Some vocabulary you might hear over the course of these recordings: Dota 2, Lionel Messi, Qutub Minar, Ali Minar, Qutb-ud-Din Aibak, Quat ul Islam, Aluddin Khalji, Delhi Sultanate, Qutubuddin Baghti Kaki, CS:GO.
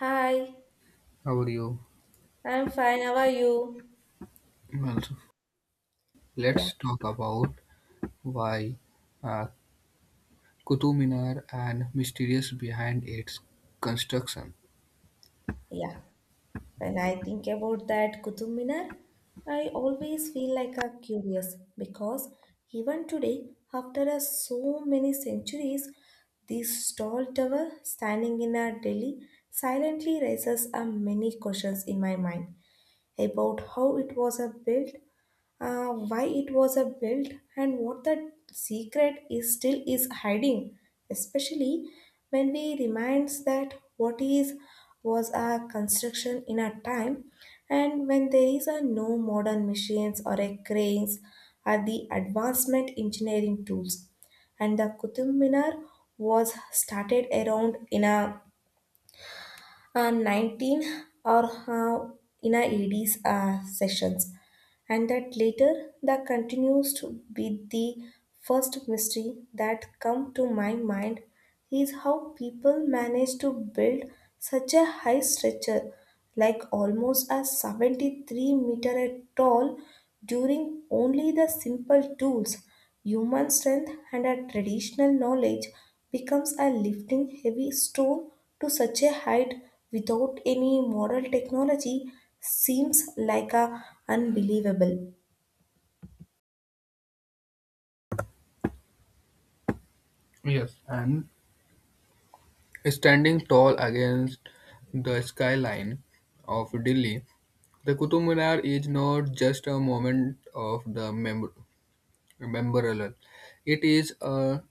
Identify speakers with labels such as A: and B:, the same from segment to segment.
A: Hi,
B: How are you?
A: I'm fine. How are you?
B: Well,
A: Yeah,
B: let's talk about why uh, Qutub Minar and mysterious behind its construction.
A: yeah. When I think about that Qutub Minar, I always feel like a curious, because even today, after a so many centuries, this tall tower standing in our Delhi silently raises a many questions in my mind about how it was a built, why it was a built, and what the secret is still is hiding. Especially when we reminds that what is was a construction in a time, and when there is a no modern machines or a cranes or the advancement engineering tools, and the Qutub Minar was started around in a 19, or in a ED's sessions, and that later that continues to be the first mystery that come to my mind is how people manage to build such a high structure, like almost a 73-meter tall, during only the simple tools. Human strength and a traditional knowledge becomes a lifting heavy stone to such a height without any modern technology seems like a unbelievable.
B: Yes, and standing tall against the skyline of Delhi, the Qutub Minar is not just a moment of the memorial. It is a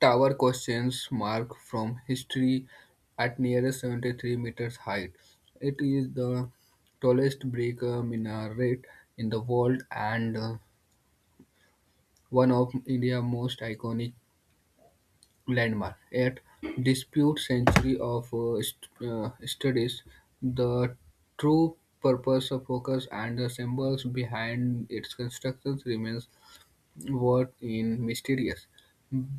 B: tower questions mark from history at nearest 73 meters height. It is the tallest brick minaret in the world, and one of India's most iconic landmarks. At dispute century of studies, the true purpose of focus and the symbols behind its constructions remains what in mysterious?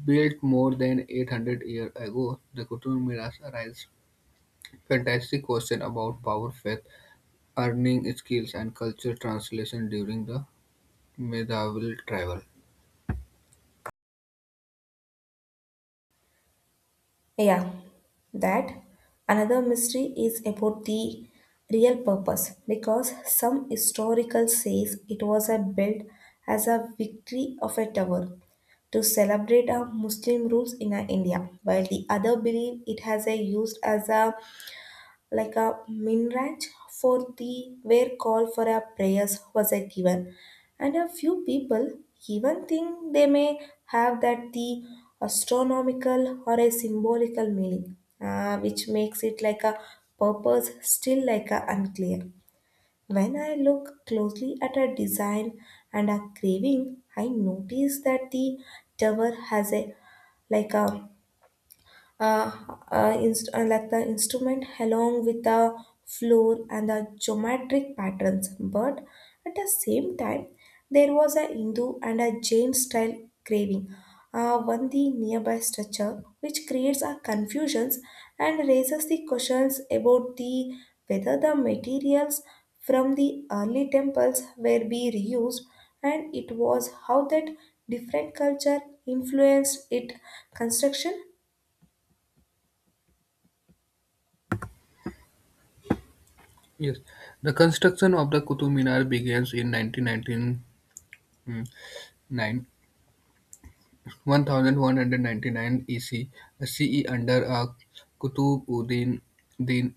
B: Built more than 800 years ago, the Qutub Minas raises fantastic question about power, faith, earning skills, and culture translation during the medieval travel.
A: Yeah, that another mystery is about the real purpose, because some historical says it was a built as a victory of a tower to celebrate our Muslim rules in our India, while the other believe it has a used as a like a minraj for the where call for a prayers was a given, and a few people even think they may have that the astronomical or a symbolical meaning, which makes it like a purpose still like a unclear. When I look closely at a design and a craving, I notice that the tower has a, like a, uh, like the instrument along with the floor and the geometric patterns. But at the same time, there was a Hindu and a Jain style craving on the nearby structure, which creates a confusions and raises the questions about the whether the materials from the early temples were be reused, and it was how that different culture influenced its construction.
B: Yes, the construction of the Qutub Minar begins in 1919. 1199 EC under a Qutb-ud-Din Din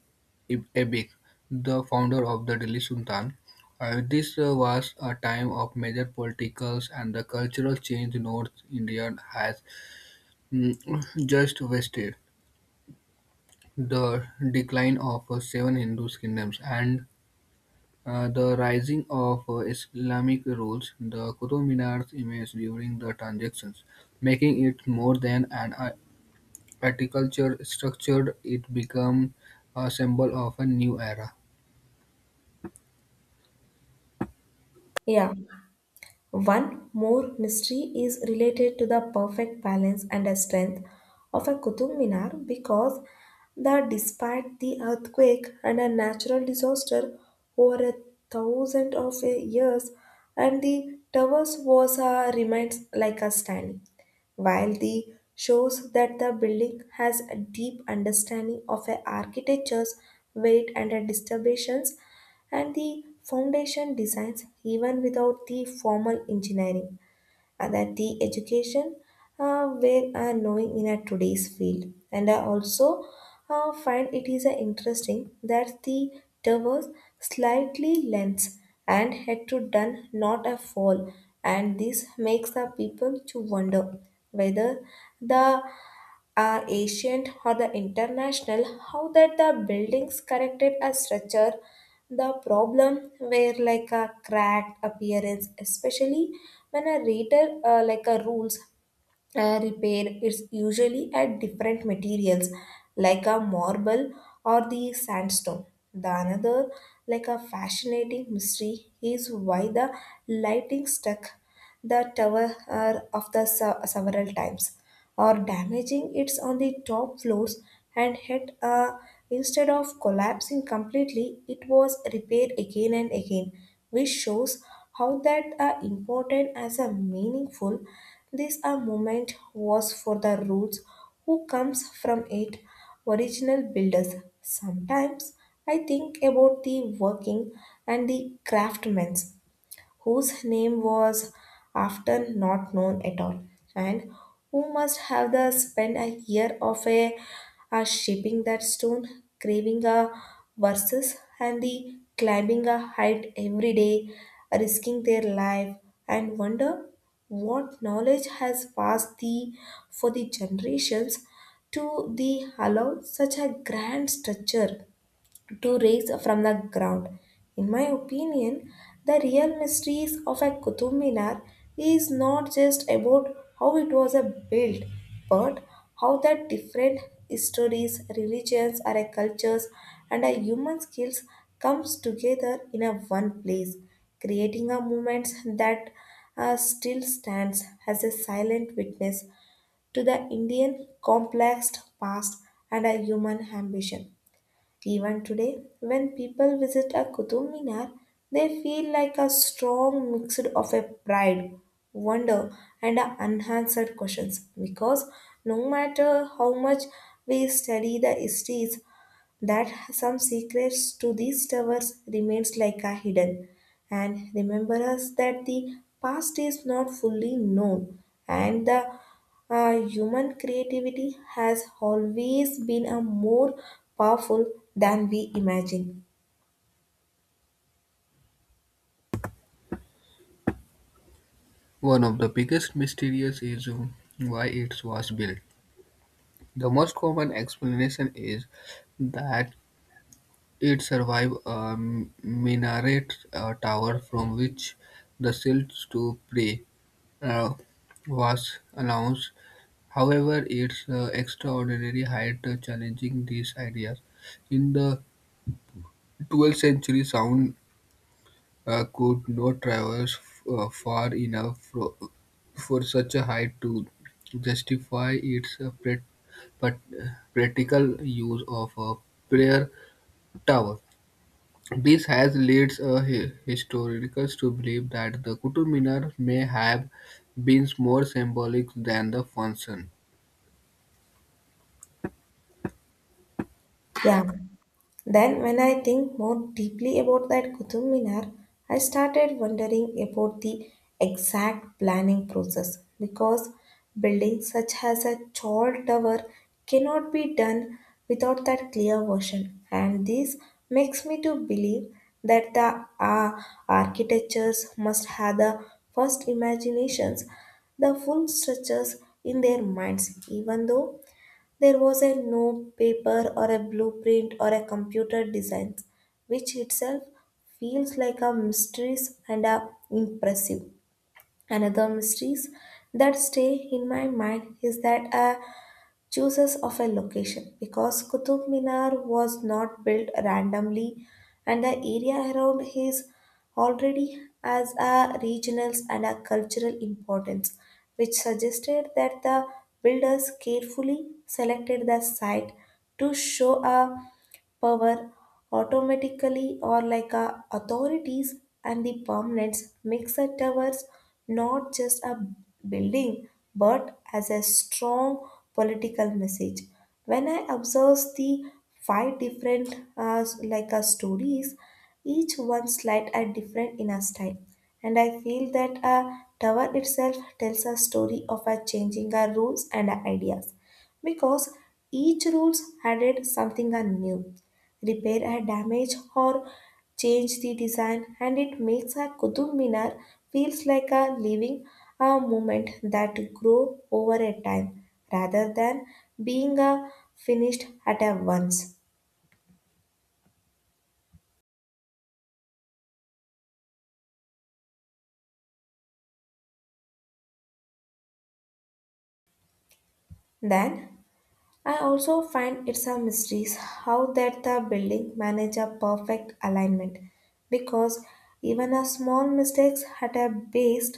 B: Aibak, the founder of the Delhi Sultan. This was a time of major political and the cultural change North India has mm, just witnessed. The decline of seven Hindu kingdoms and the rising of Islamic rules, the Qutub Minar's image during the transactions, making it more than an Agriculture structured it became a symbol of a new era.
A: Yeah. One more mystery is related to the perfect balance and strength of a Qutub Minar, because that despite the earthquake and a natural disaster over a thousand of a years, and the towers was remains like a standing, while the shows that the building has a deep understanding of a architecture's weight and a distributions and the foundation designs even without the formal engineering and that the education, where knowing in a today's field. And I also find it is interesting that the diverse slightly lens and head to done not a fall, and this makes the people to wonder whether the are ancient or the international, how that the buildings corrected a structure, the problem were like a cracked appearance, especially when a reader like a rules repair is usually at different materials like a marble or the sandstone. The another like a fascinating mystery is why the lighting stuck the tower of the several times, or damaging its on the top floors, and had instead of collapsing completely it was repaired again and again, which shows how that important as a meaningful this a moment was for the roots who comes from it original builders. Sometimes I think about the working and the craftsmen whose name was after not known at all, and who must have the spent a year of a shipping that stone, craving a verses, and the climbing a height every day, risking their life, and wonder what knowledge has passed the for the generations to the allow such a grand structure to raise from the ground. In my opinion, the real mysteries of a Qutub Minar is not just about how it was a built, but how the different histories, religions, or a cultures and a human skills comes together in a one place, creating a movement that still stands as a silent witness to the Indian complex past and a human ambition. Even today, when people visit a Qutub Minar, they feel like a strong mix of a pride, wonder, and a unanswered questions, because no matter how much we study the histories, that some secrets to these towers remains like a hidden, and remember us that the past is not fully known, and the human creativity has always been a more powerful than we imagine.
B: One of the biggest mysteries is why it was built. The most common explanation is that it survived a minaret tower from which the silt to pray uh, was announced. However, its extraordinary height challenging these ideas. In the 12th century, sound could not traverse far enough for such a height to justify its pat- practical use of a prayer tower. This has led hi- historians to believe that the Qutub Minar may have been more symbolic than the function.
A: Yeah. Then, when I think more deeply about that Qutub Minar, I started wondering about the exact planning process, because building such as a tall tower cannot be done without that clear vision, and this makes me to believe that the architectures must have the first imaginations, the full structures in their minds, even though there was a no paper or a blueprint or a computer design, which itself feels like a mysteries and a impressive. Another mysteries that stay in my mind is that chooses of a location, because Qutub Minar was not built randomly, and the area around is already as a regional and a cultural importance, which suggested that the builders carefully selected the site to show a power automatically, or like a authorities and the permanents makes a towers not just a building but as a strong political message. When I observe the five different stories, each one slight and different in a style, and I feel that a tower itself tells a story of a changing our rules and our ideas, because each rules added something new, repair a damage, or change the design, and it makes a kutub minar feels like a living a movement that grow over a time rather than being a finished at a once. Then I also find it's a mystery how that the building manage a perfect alignment, because even a small mistakes at a base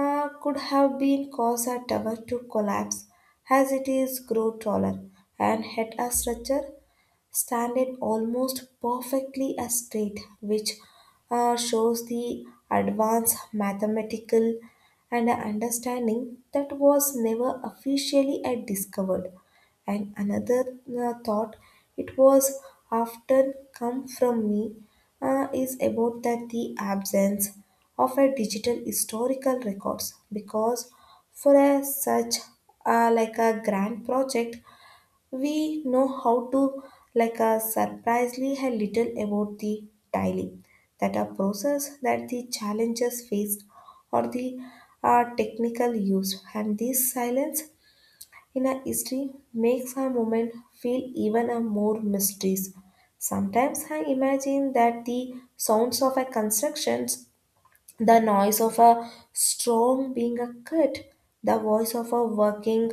A: could have been caused a tower to collapse as it is grow taller, and hit a structure standard almost perfectly a straight, which shows the advanced mathematical and understanding that was never officially discovered. And another thought it was often come from me is about that the absence of a digital historical records, because for a such like a grand project we know how to like a surprisingly a little about the tiling that a process that the challenges faced or the technical use. And this silence in a history makes a moment feel even a more mysteries. Sometimes I imagine that the sounds of a constructions, the noise of a storm being a cut, the voice of a working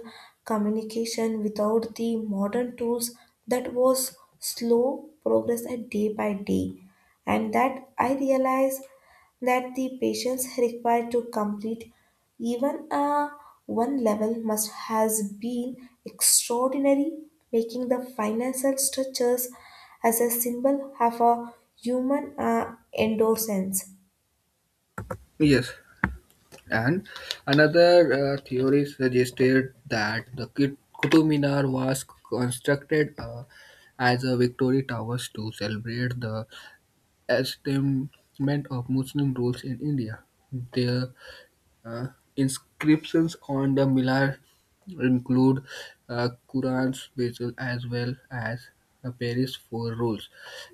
A: communication without the modern tools, that was slow progress at day by day. And that I realized that the patience required to complete even a one level must has been extraordinary, making the financial structures as a symbol have a human endorsement.
B: Yes, and another theory suggested that the Qutub Minar was constructed as a victory towers to celebrate the establishment of Muslim rules in India. The uh, inscriptions on the Minar include Quran's visual as well as a Paris Four Rules,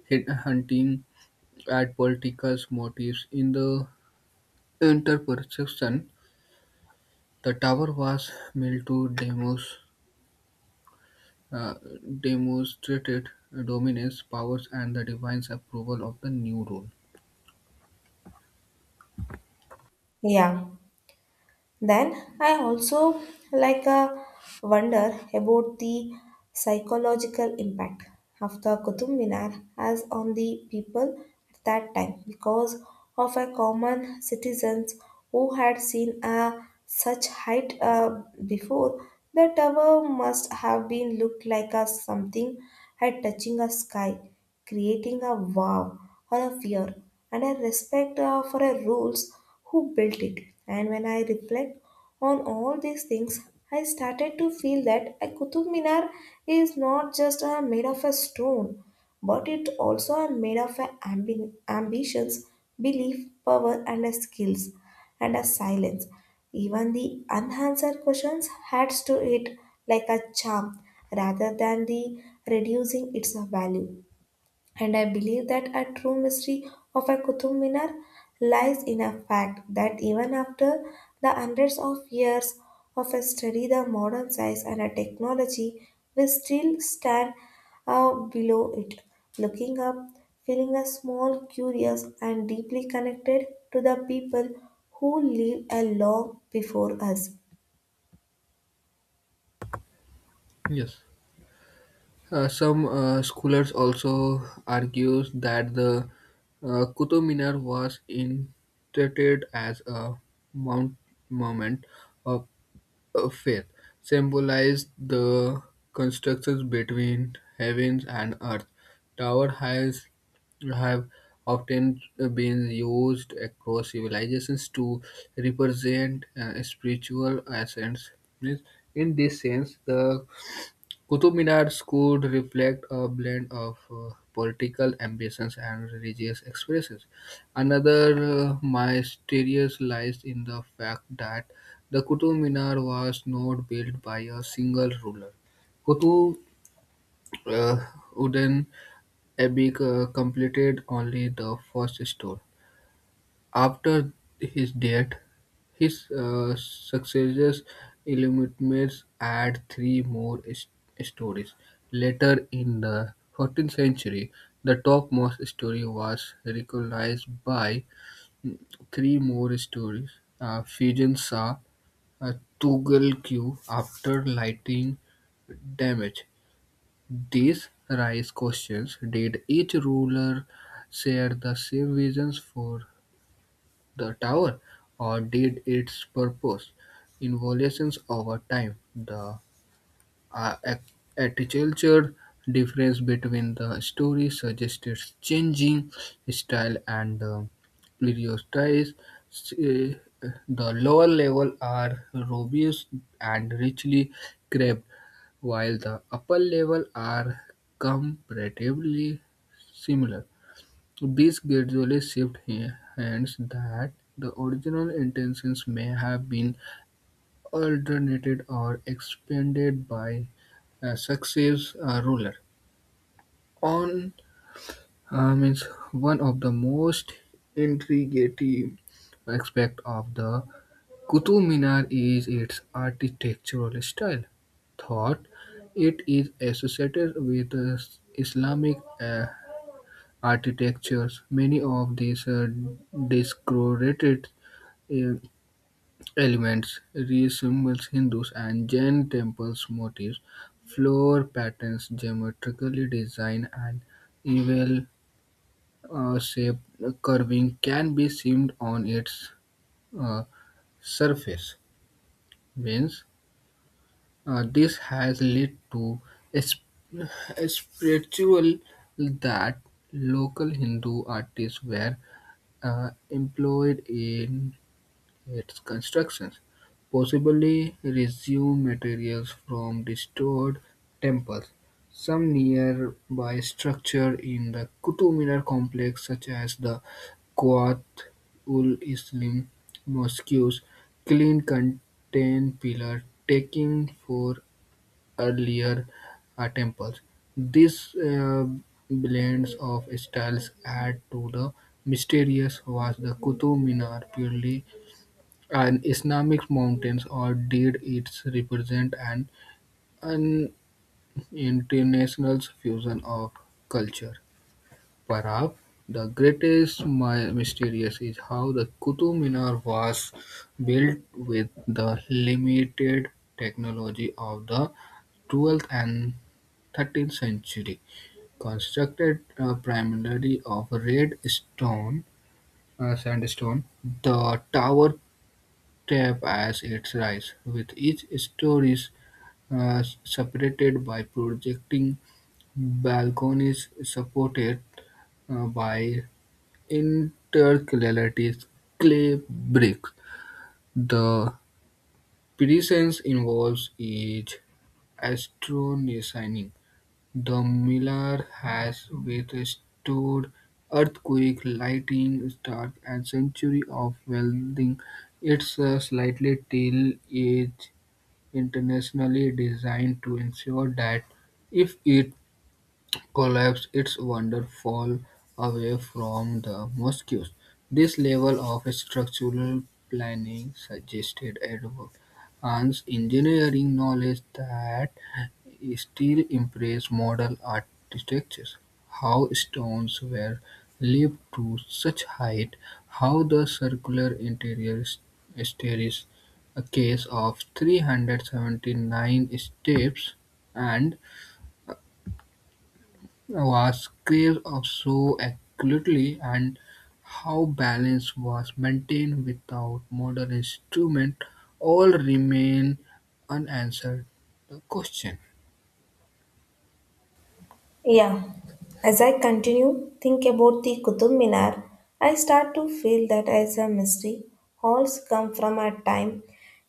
B: hunting at political motives in the interpretation. The tower was built to uh, demonstrated dominance, powers, and the divine's approval of the new rule.
A: Yeah. Then I also like a wonder about the psychological impact of the Qutub Minar as on the people at that time, because of a common citizens who had seen a such height before, the tower must have been looked like a something had touching a sky, creating a wow or a fear and a respect for a rules who built it. And when I reflect on all these things, I started to feel that a Qutub Minar is not just made of a stone, but it also are made of a ambitions, belief, power, and a skills, and a silence. Even the unanswered questions adds to it like a charm, rather than the reducing its value. And I believe that a true mystery of a Qutub Minar lies in a fact that even after the hundreds of years of a study, the modern science and a technology will still stand below it, looking up, feeling a small, curious, and deeply connected to the people who lived a long before us.
B: Yes. Some scholars also argues that the Qutub Minar was interpreted as a mount- monument of of faith symbolized the constructions between heavens and earth. Tower has have often been used across civilizations to represent spiritual ascents. Means, in this sense, the Qutub Minar's could reflect a blend of political ambitions and religious expressions. Another mysterious lies in the fact that the Qutub Minar was not built by a single ruler. Qutub uh, Uddin Aibeck completed only the first store, after his death, his successors Illuminates add three more stories. Later in the 14th century, the topmost story was recognized by mm, three more stories. Fijian saw a Tugal Q after lighting damage. These raise questions. Did each ruler share the same visions for the tower, or did its purpose evolutions over time? The uh, ac- architecture difference between the stories suggested changing style and periodotize. Uh, The lower level are robust and richly carved, while the upper level are comparatively similar. So, these gradually shift hands that the original intentions may have been altered or expanded by a successive ruler. On means One of the most intriguing aspect of the Qutub Minar is its architectural style. Thought it is associated with Islamic architectures. Many of these decorated uh, elements resemble Hindus and Jain temples motifs, floor patterns, geometrically designed, and evil shape curving can be seen on its uh, surface means this has led to a, sp- a spiritual that local Hindu artists were employed in its constructions, possibly resumed materials from destroyed temples. Some nearby structures in the Qutub Minar complex, such as the Quat ul Islam mosques, clean contain pillar taking for earlier temples. These blends of styles add to the mysterious was the Qutub Minar purely an Islamic mountains, or did it represent an international fusion of culture? Perhaps the greatest my mysterious is how the Qutub Minar was built with the limited technology of the 12th and 13th century, constructed primarily of red stone, sandstone. The tower tape as its rise, with each story separated by projecting balconies supported by intercalated clay bricks, the presence involved is astonishing. The miller has withstood earthquake, lightning, storm, and century of welding. It's a slightly till is internationally designed to ensure that if it collapse its waterfall away from the mosques. This level of structural planning suggested advanced engineering knowledge that still impress modern architects. How stones were lifted to such height, how the circular interior staircase, a case of 379 steps, and was craves of so accurately and how balance was maintained without modern instrument, all remain unanswered the question.
A: Yeah, as I continue think about the Qutub Minar, I start to feel that as a mystery, halls come from a time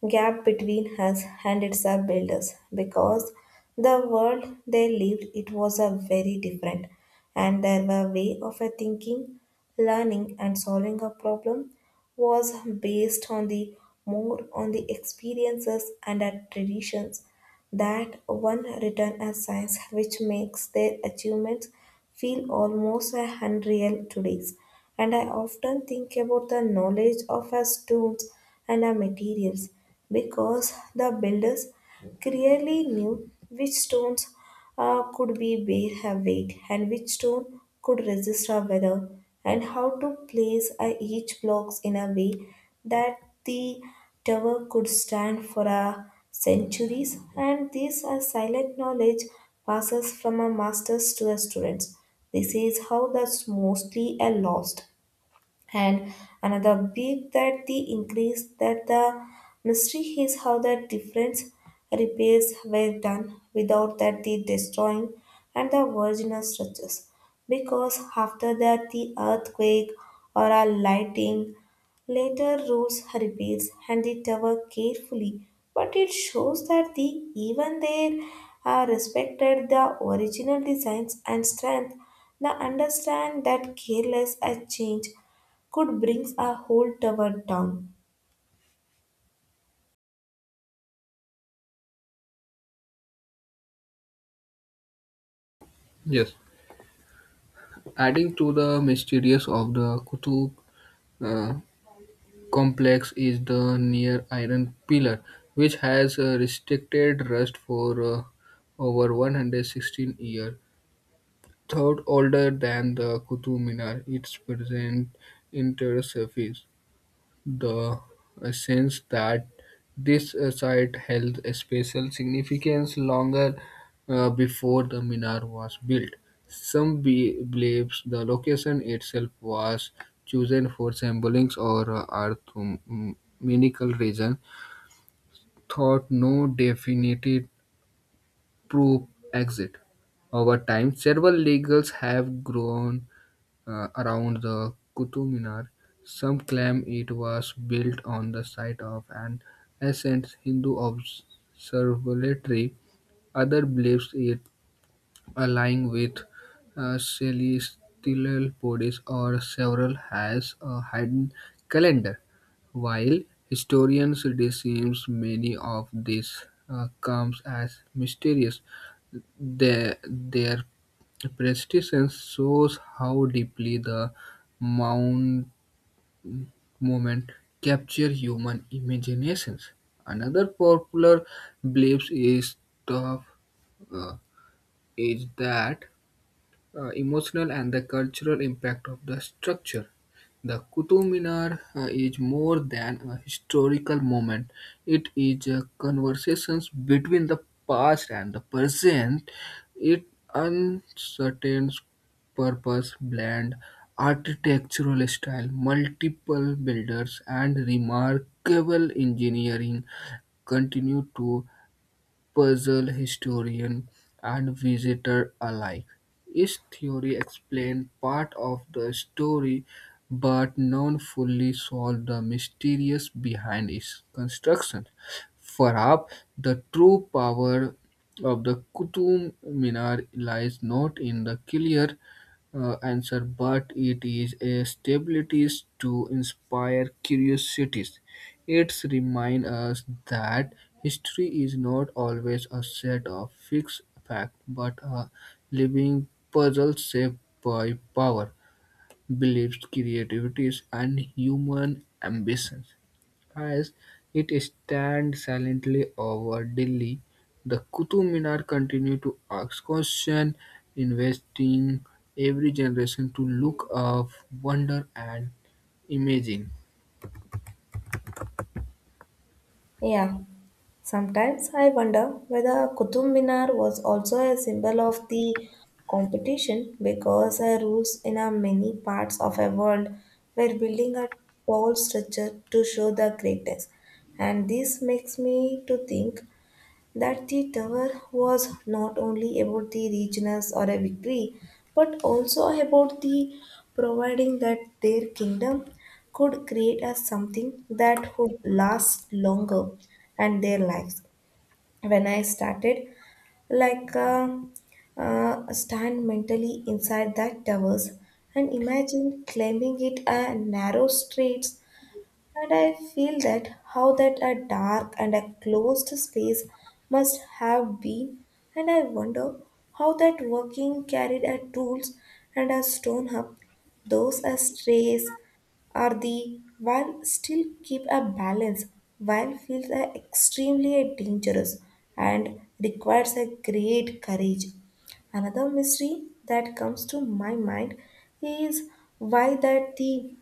A: gap between us and its builders, because the world they lived it was a very different, and their way of a thinking, learning and solving a problem was based on the more on the experiences and traditions that one written as science, which makes their achievements feel almost unreal today. And I often think about the knowledge of our stones and our materials, because the builders clearly knew which stones could we bear her weight, and which stone could resist her weather, and how to place each blocks in a way that the tower could stand for centuries. And this silent knowledge passes from a masters to the students. This is how that's mostly a lost. And another big that the increase that the mystery is how the different repairs were done without that the destroying and the original structures. Because after that the earthquake or a lightning later rules repairs and the tower carefully, but it shows that the even there are respected the original designs and strength. Now understand that careless a change could brings a whole tower down.
B: Yes. Adding to the mysterious of the Qutub uh, complex is the near iron pillar, which has restricted rust for over 116 years. Third older than the Qutub Minar, its present inner surface the sense that this site held a special significance longer before the minar was built. Some believes the location itself was chosen for symbolism or arithmetical reason, thought no definitive proof exit. Over time, several legals have grown around the Qutub Minar. Some claim it was built on the site of an ancient Hindu observatory. Others believe it lying with celestial bodies or several has a hidden calendar. While historians dismiss many of these comes as mysterious, their prestige shows how deeply the mount movement capture human imaginations. Another popular belief is the uh, is that emotional and the cultural impact of the structure. The Qutub Minar is more than a historical moment. It is a conversation between the past and the present. It uncertain purpose blend architectural style, multiple builders and remarkable engineering continue to puzzle historian and visitor alike. His theory explained part of the story but none fully solved the mysterious behind its construction. Perhaps the true power of the Qutub Minar lies not in the clear answer, but it is a stability to inspire curiosities. It reminds us that history is not always a set of fixed facts, but a living puzzle shaped by power, beliefs, creativities, and human ambitions. As it stands silently over Delhi, the Qutub Minar continues to ask questions, investing every generation to look up, wonder, and imagine.
A: Yeah. Sometimes I wonder whether Qutub Minar was also a symbol of the competition because rules in many parts of a world were building a tall structure to show the greatness. And this makes me to think that the tower was not only about the regions or a victory, but also about the providing that their kingdom could create as something that would last longer and their lives. When I started, like uh, stand mentally inside that towers and imagine climbing it a narrow streets and I feel that how that a dark and a closed space must have been, and I wonder how that working carried a tools and a stone up, those as strays are the while still keep a balance, while feels a extremely dangerous and requires a great courage. Another mystery that comes to my mind is why that the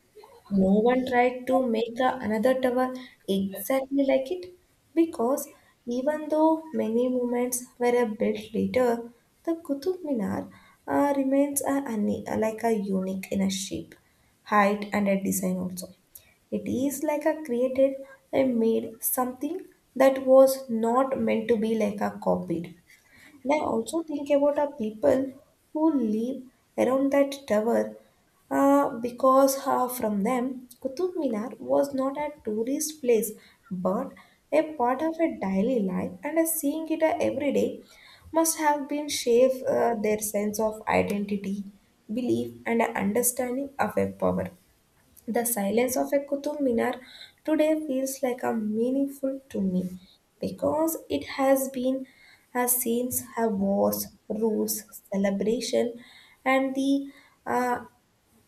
A: no one tried to make the another tower exactly like it because even though many monuments were built later, the Qutub Minar remains a, like a unique in a shape, height, and a design also. It is like a created and made something that was not meant to be like a copied. And I also think about our people who live around that tower because from them, Qutub Minar was not a tourist place but a part of a daily life, and seeing it every day must have been shape their sense of identity, belief, and understanding of a power. The silence of a Qutub Minar today feels like a meaningful to me because it has been has scenes have wars, rules, celebration, and the uh,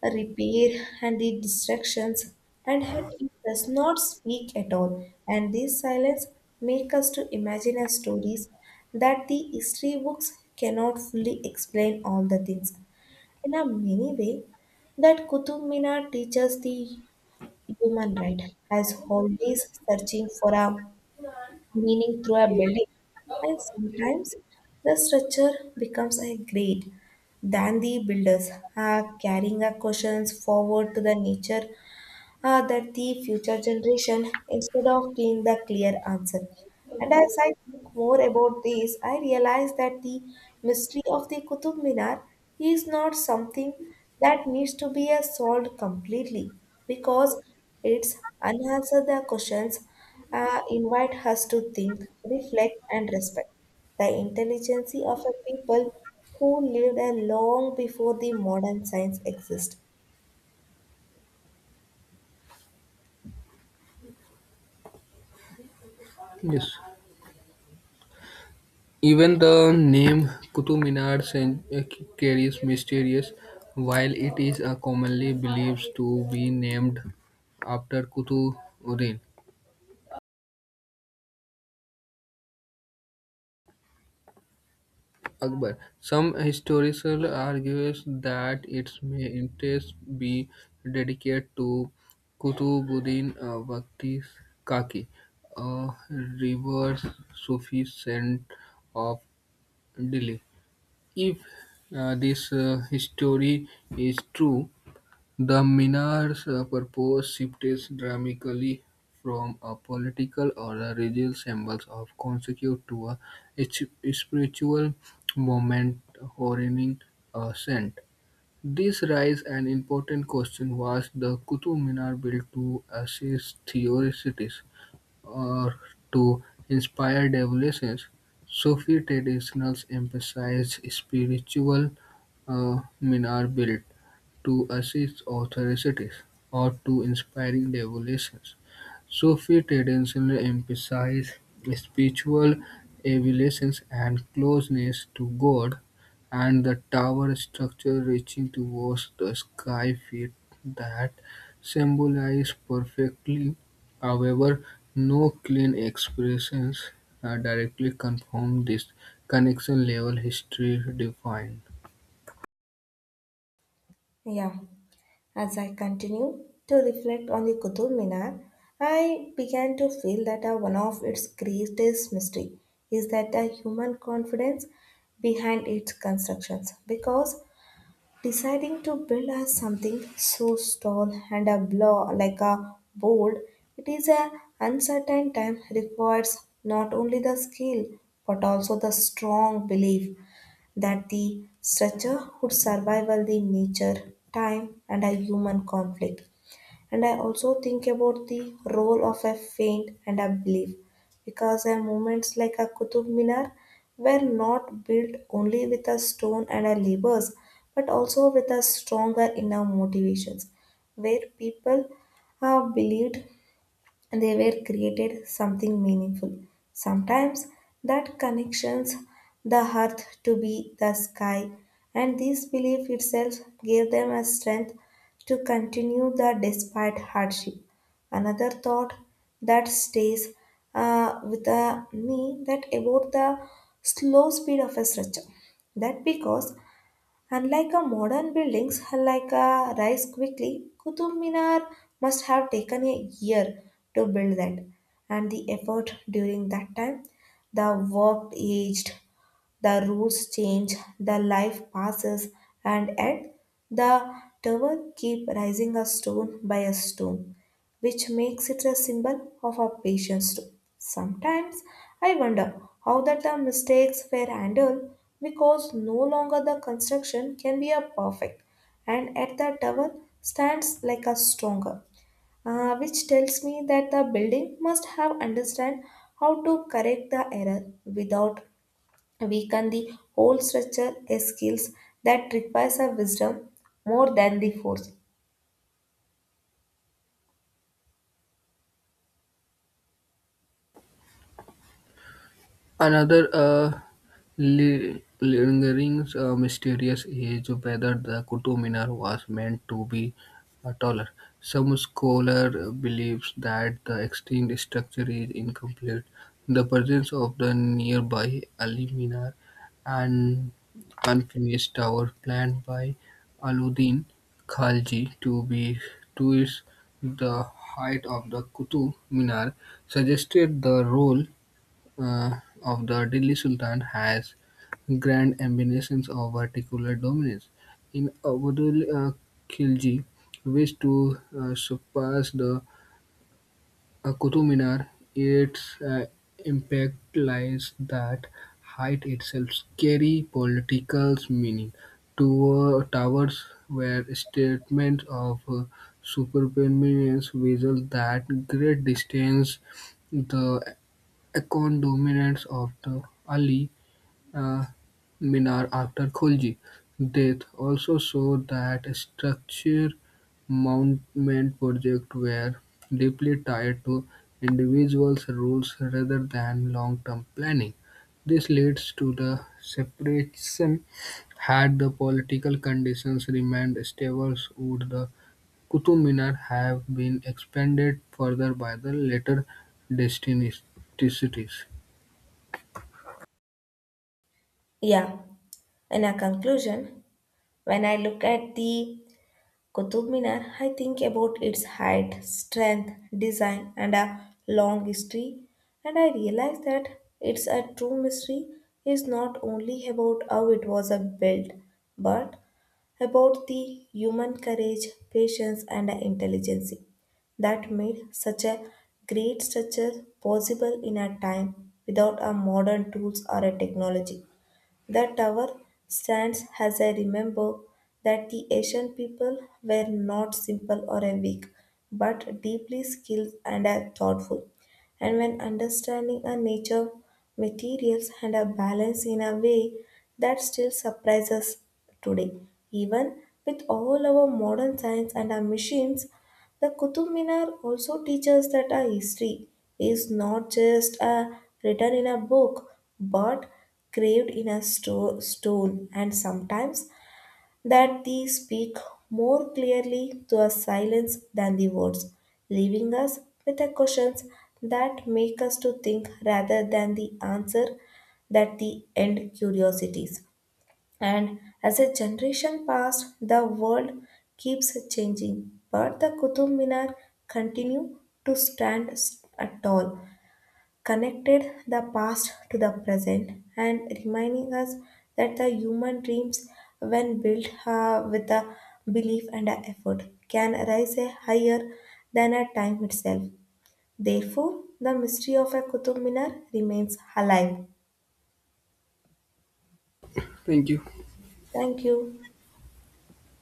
A: repair and the distractions, and yet it does not speak at all. And this silence make us to imagine as stories that the history books cannot fully explain all the things. In a many way, that Qutub Minar teaches the human right as always searching for a meaning through a building and sometimes the structure becomes a great than the builders are carrying our questions forward to the nature that the future generation instead of being the clear answer. And as I think more about this, I realize that the mystery of the Qutub Minar is not something that needs to be solved completely because its unanswered questions invite us to think, reflect, and respect the intelligence of a people who lived long before the modern science exists.
B: Yes. Even the name Qutub Minar carries mysterious, while it is commonly believed to be named after Qutubuddin Akbar. Some historical argues that its interest be dedicated to Qutubuddin Baghti Kaki, a revered Sufi saint of Delhi. If this history is true, the Minar's purpose shifted dramatically from a political or a religious symbol of consequence to a s- spiritual moment honoring a saint. This raised an important question: was the Qutub Minar built to assist theorists, or to inspire devotees? Sufi traditions emphasize spiritual minarets to assist authorities or to inspiring devotees. Sufi traditions emphasize spiritual elevations and closeness to God, and the tower structure reaching towards the sky feet that symbolize perfectly. However, no clean expressions directly confirm this connection-level history defined.
A: Yeah. As I continue to reflect on the Qutub Minar, I began to feel that one of its greatest mystery is that the human confidence behind its constructions. Because deciding to build something so tall and a blow like a bold, it is a uncertain time requires not only the skill but also the strong belief that the structure would survive all the nature, time, and a human conflict. And I also think about the role of a faint and a belief, because a movements like a Qutub Minar were not built only with a stone and a labors, but also with a stronger inner motivations, where people believed they were created something meaningful. Sometimes that connections the earth to be the sky, and this belief itself gave them a strength to continue the despite hardship. Another thought that stays with me that about the slow speed of a stretcher. That because unlike a modern buildings like a rise quickly, Qutub Minar must have taken a year to build that, and the effort during that time, the work aged the rules change, the life passes, and yet the tower keeps rising a stone by a stone, which makes it a symbol of our patience too. Sometimes I wonder how that the mistakes were handled because no longer the construction can be a perfect, and at the tower stands like a stronger, which tells me that the building must have understand how to correct the error without weaken the whole structure is skills that requires a wisdom more than the force.
B: Another lingering mysterious is whether the Qutub Minar was meant to be taller. Some scholar believes that the extinct structure is incomplete. The presence of the nearby Ali Minar, an unfinished tower planned by Aluddin Khalji to be to is the height of the Qutub Minar suggested the role of the Delhi Sultan has grand ambitions of particular dominance. In Abdul Khilji wished to surpass the Qutub Minar. Its impact lies that height itself carry political meaning. Two towers were statements of superpermanence visual that great distance the Deccan dominance of the Ali uh, Minar after Khilji death also saw that structure monument projects were deeply tied to individuals' rules rather than long-term planning. This leads to the separation. Had the political conditions remained stable, would the Qutub Minar have been expanded further by the later dynasties?
A: Yeah. In a conclusion, when I look at the Qutub Minar, I think about its height, strength, design, and a long history, and I realize that it's a true mystery is not only about how it was a built, but about the human courage, patience, and intelligence that made such a great structure possible in a time without a modern tools or a technology. The tower stands as I remember that the Asian people were not simple or a weak, but deeply skilled and a thoughtful. And when understanding a nature, materials, and a balance in a way that still surprises today, even with all our modern science and our machines, the Qutub Minar also teaches that our history is not just written in a book but craved in a stone, and sometimes that they speak more clearly to a silence than the words, leaving us with the questions that make us to think rather than the answer that the end curiosities. And as a generation passed, the world keeps changing, but the Qutub Minar continue to stand tall, connected the past to the present and reminding us that the human dreams, when built with a belief and a effort, can rise a higher than a time itself. Therefore, the mystery of a Qutub Minar remains alive.
B: Thank you.
A: Thank you.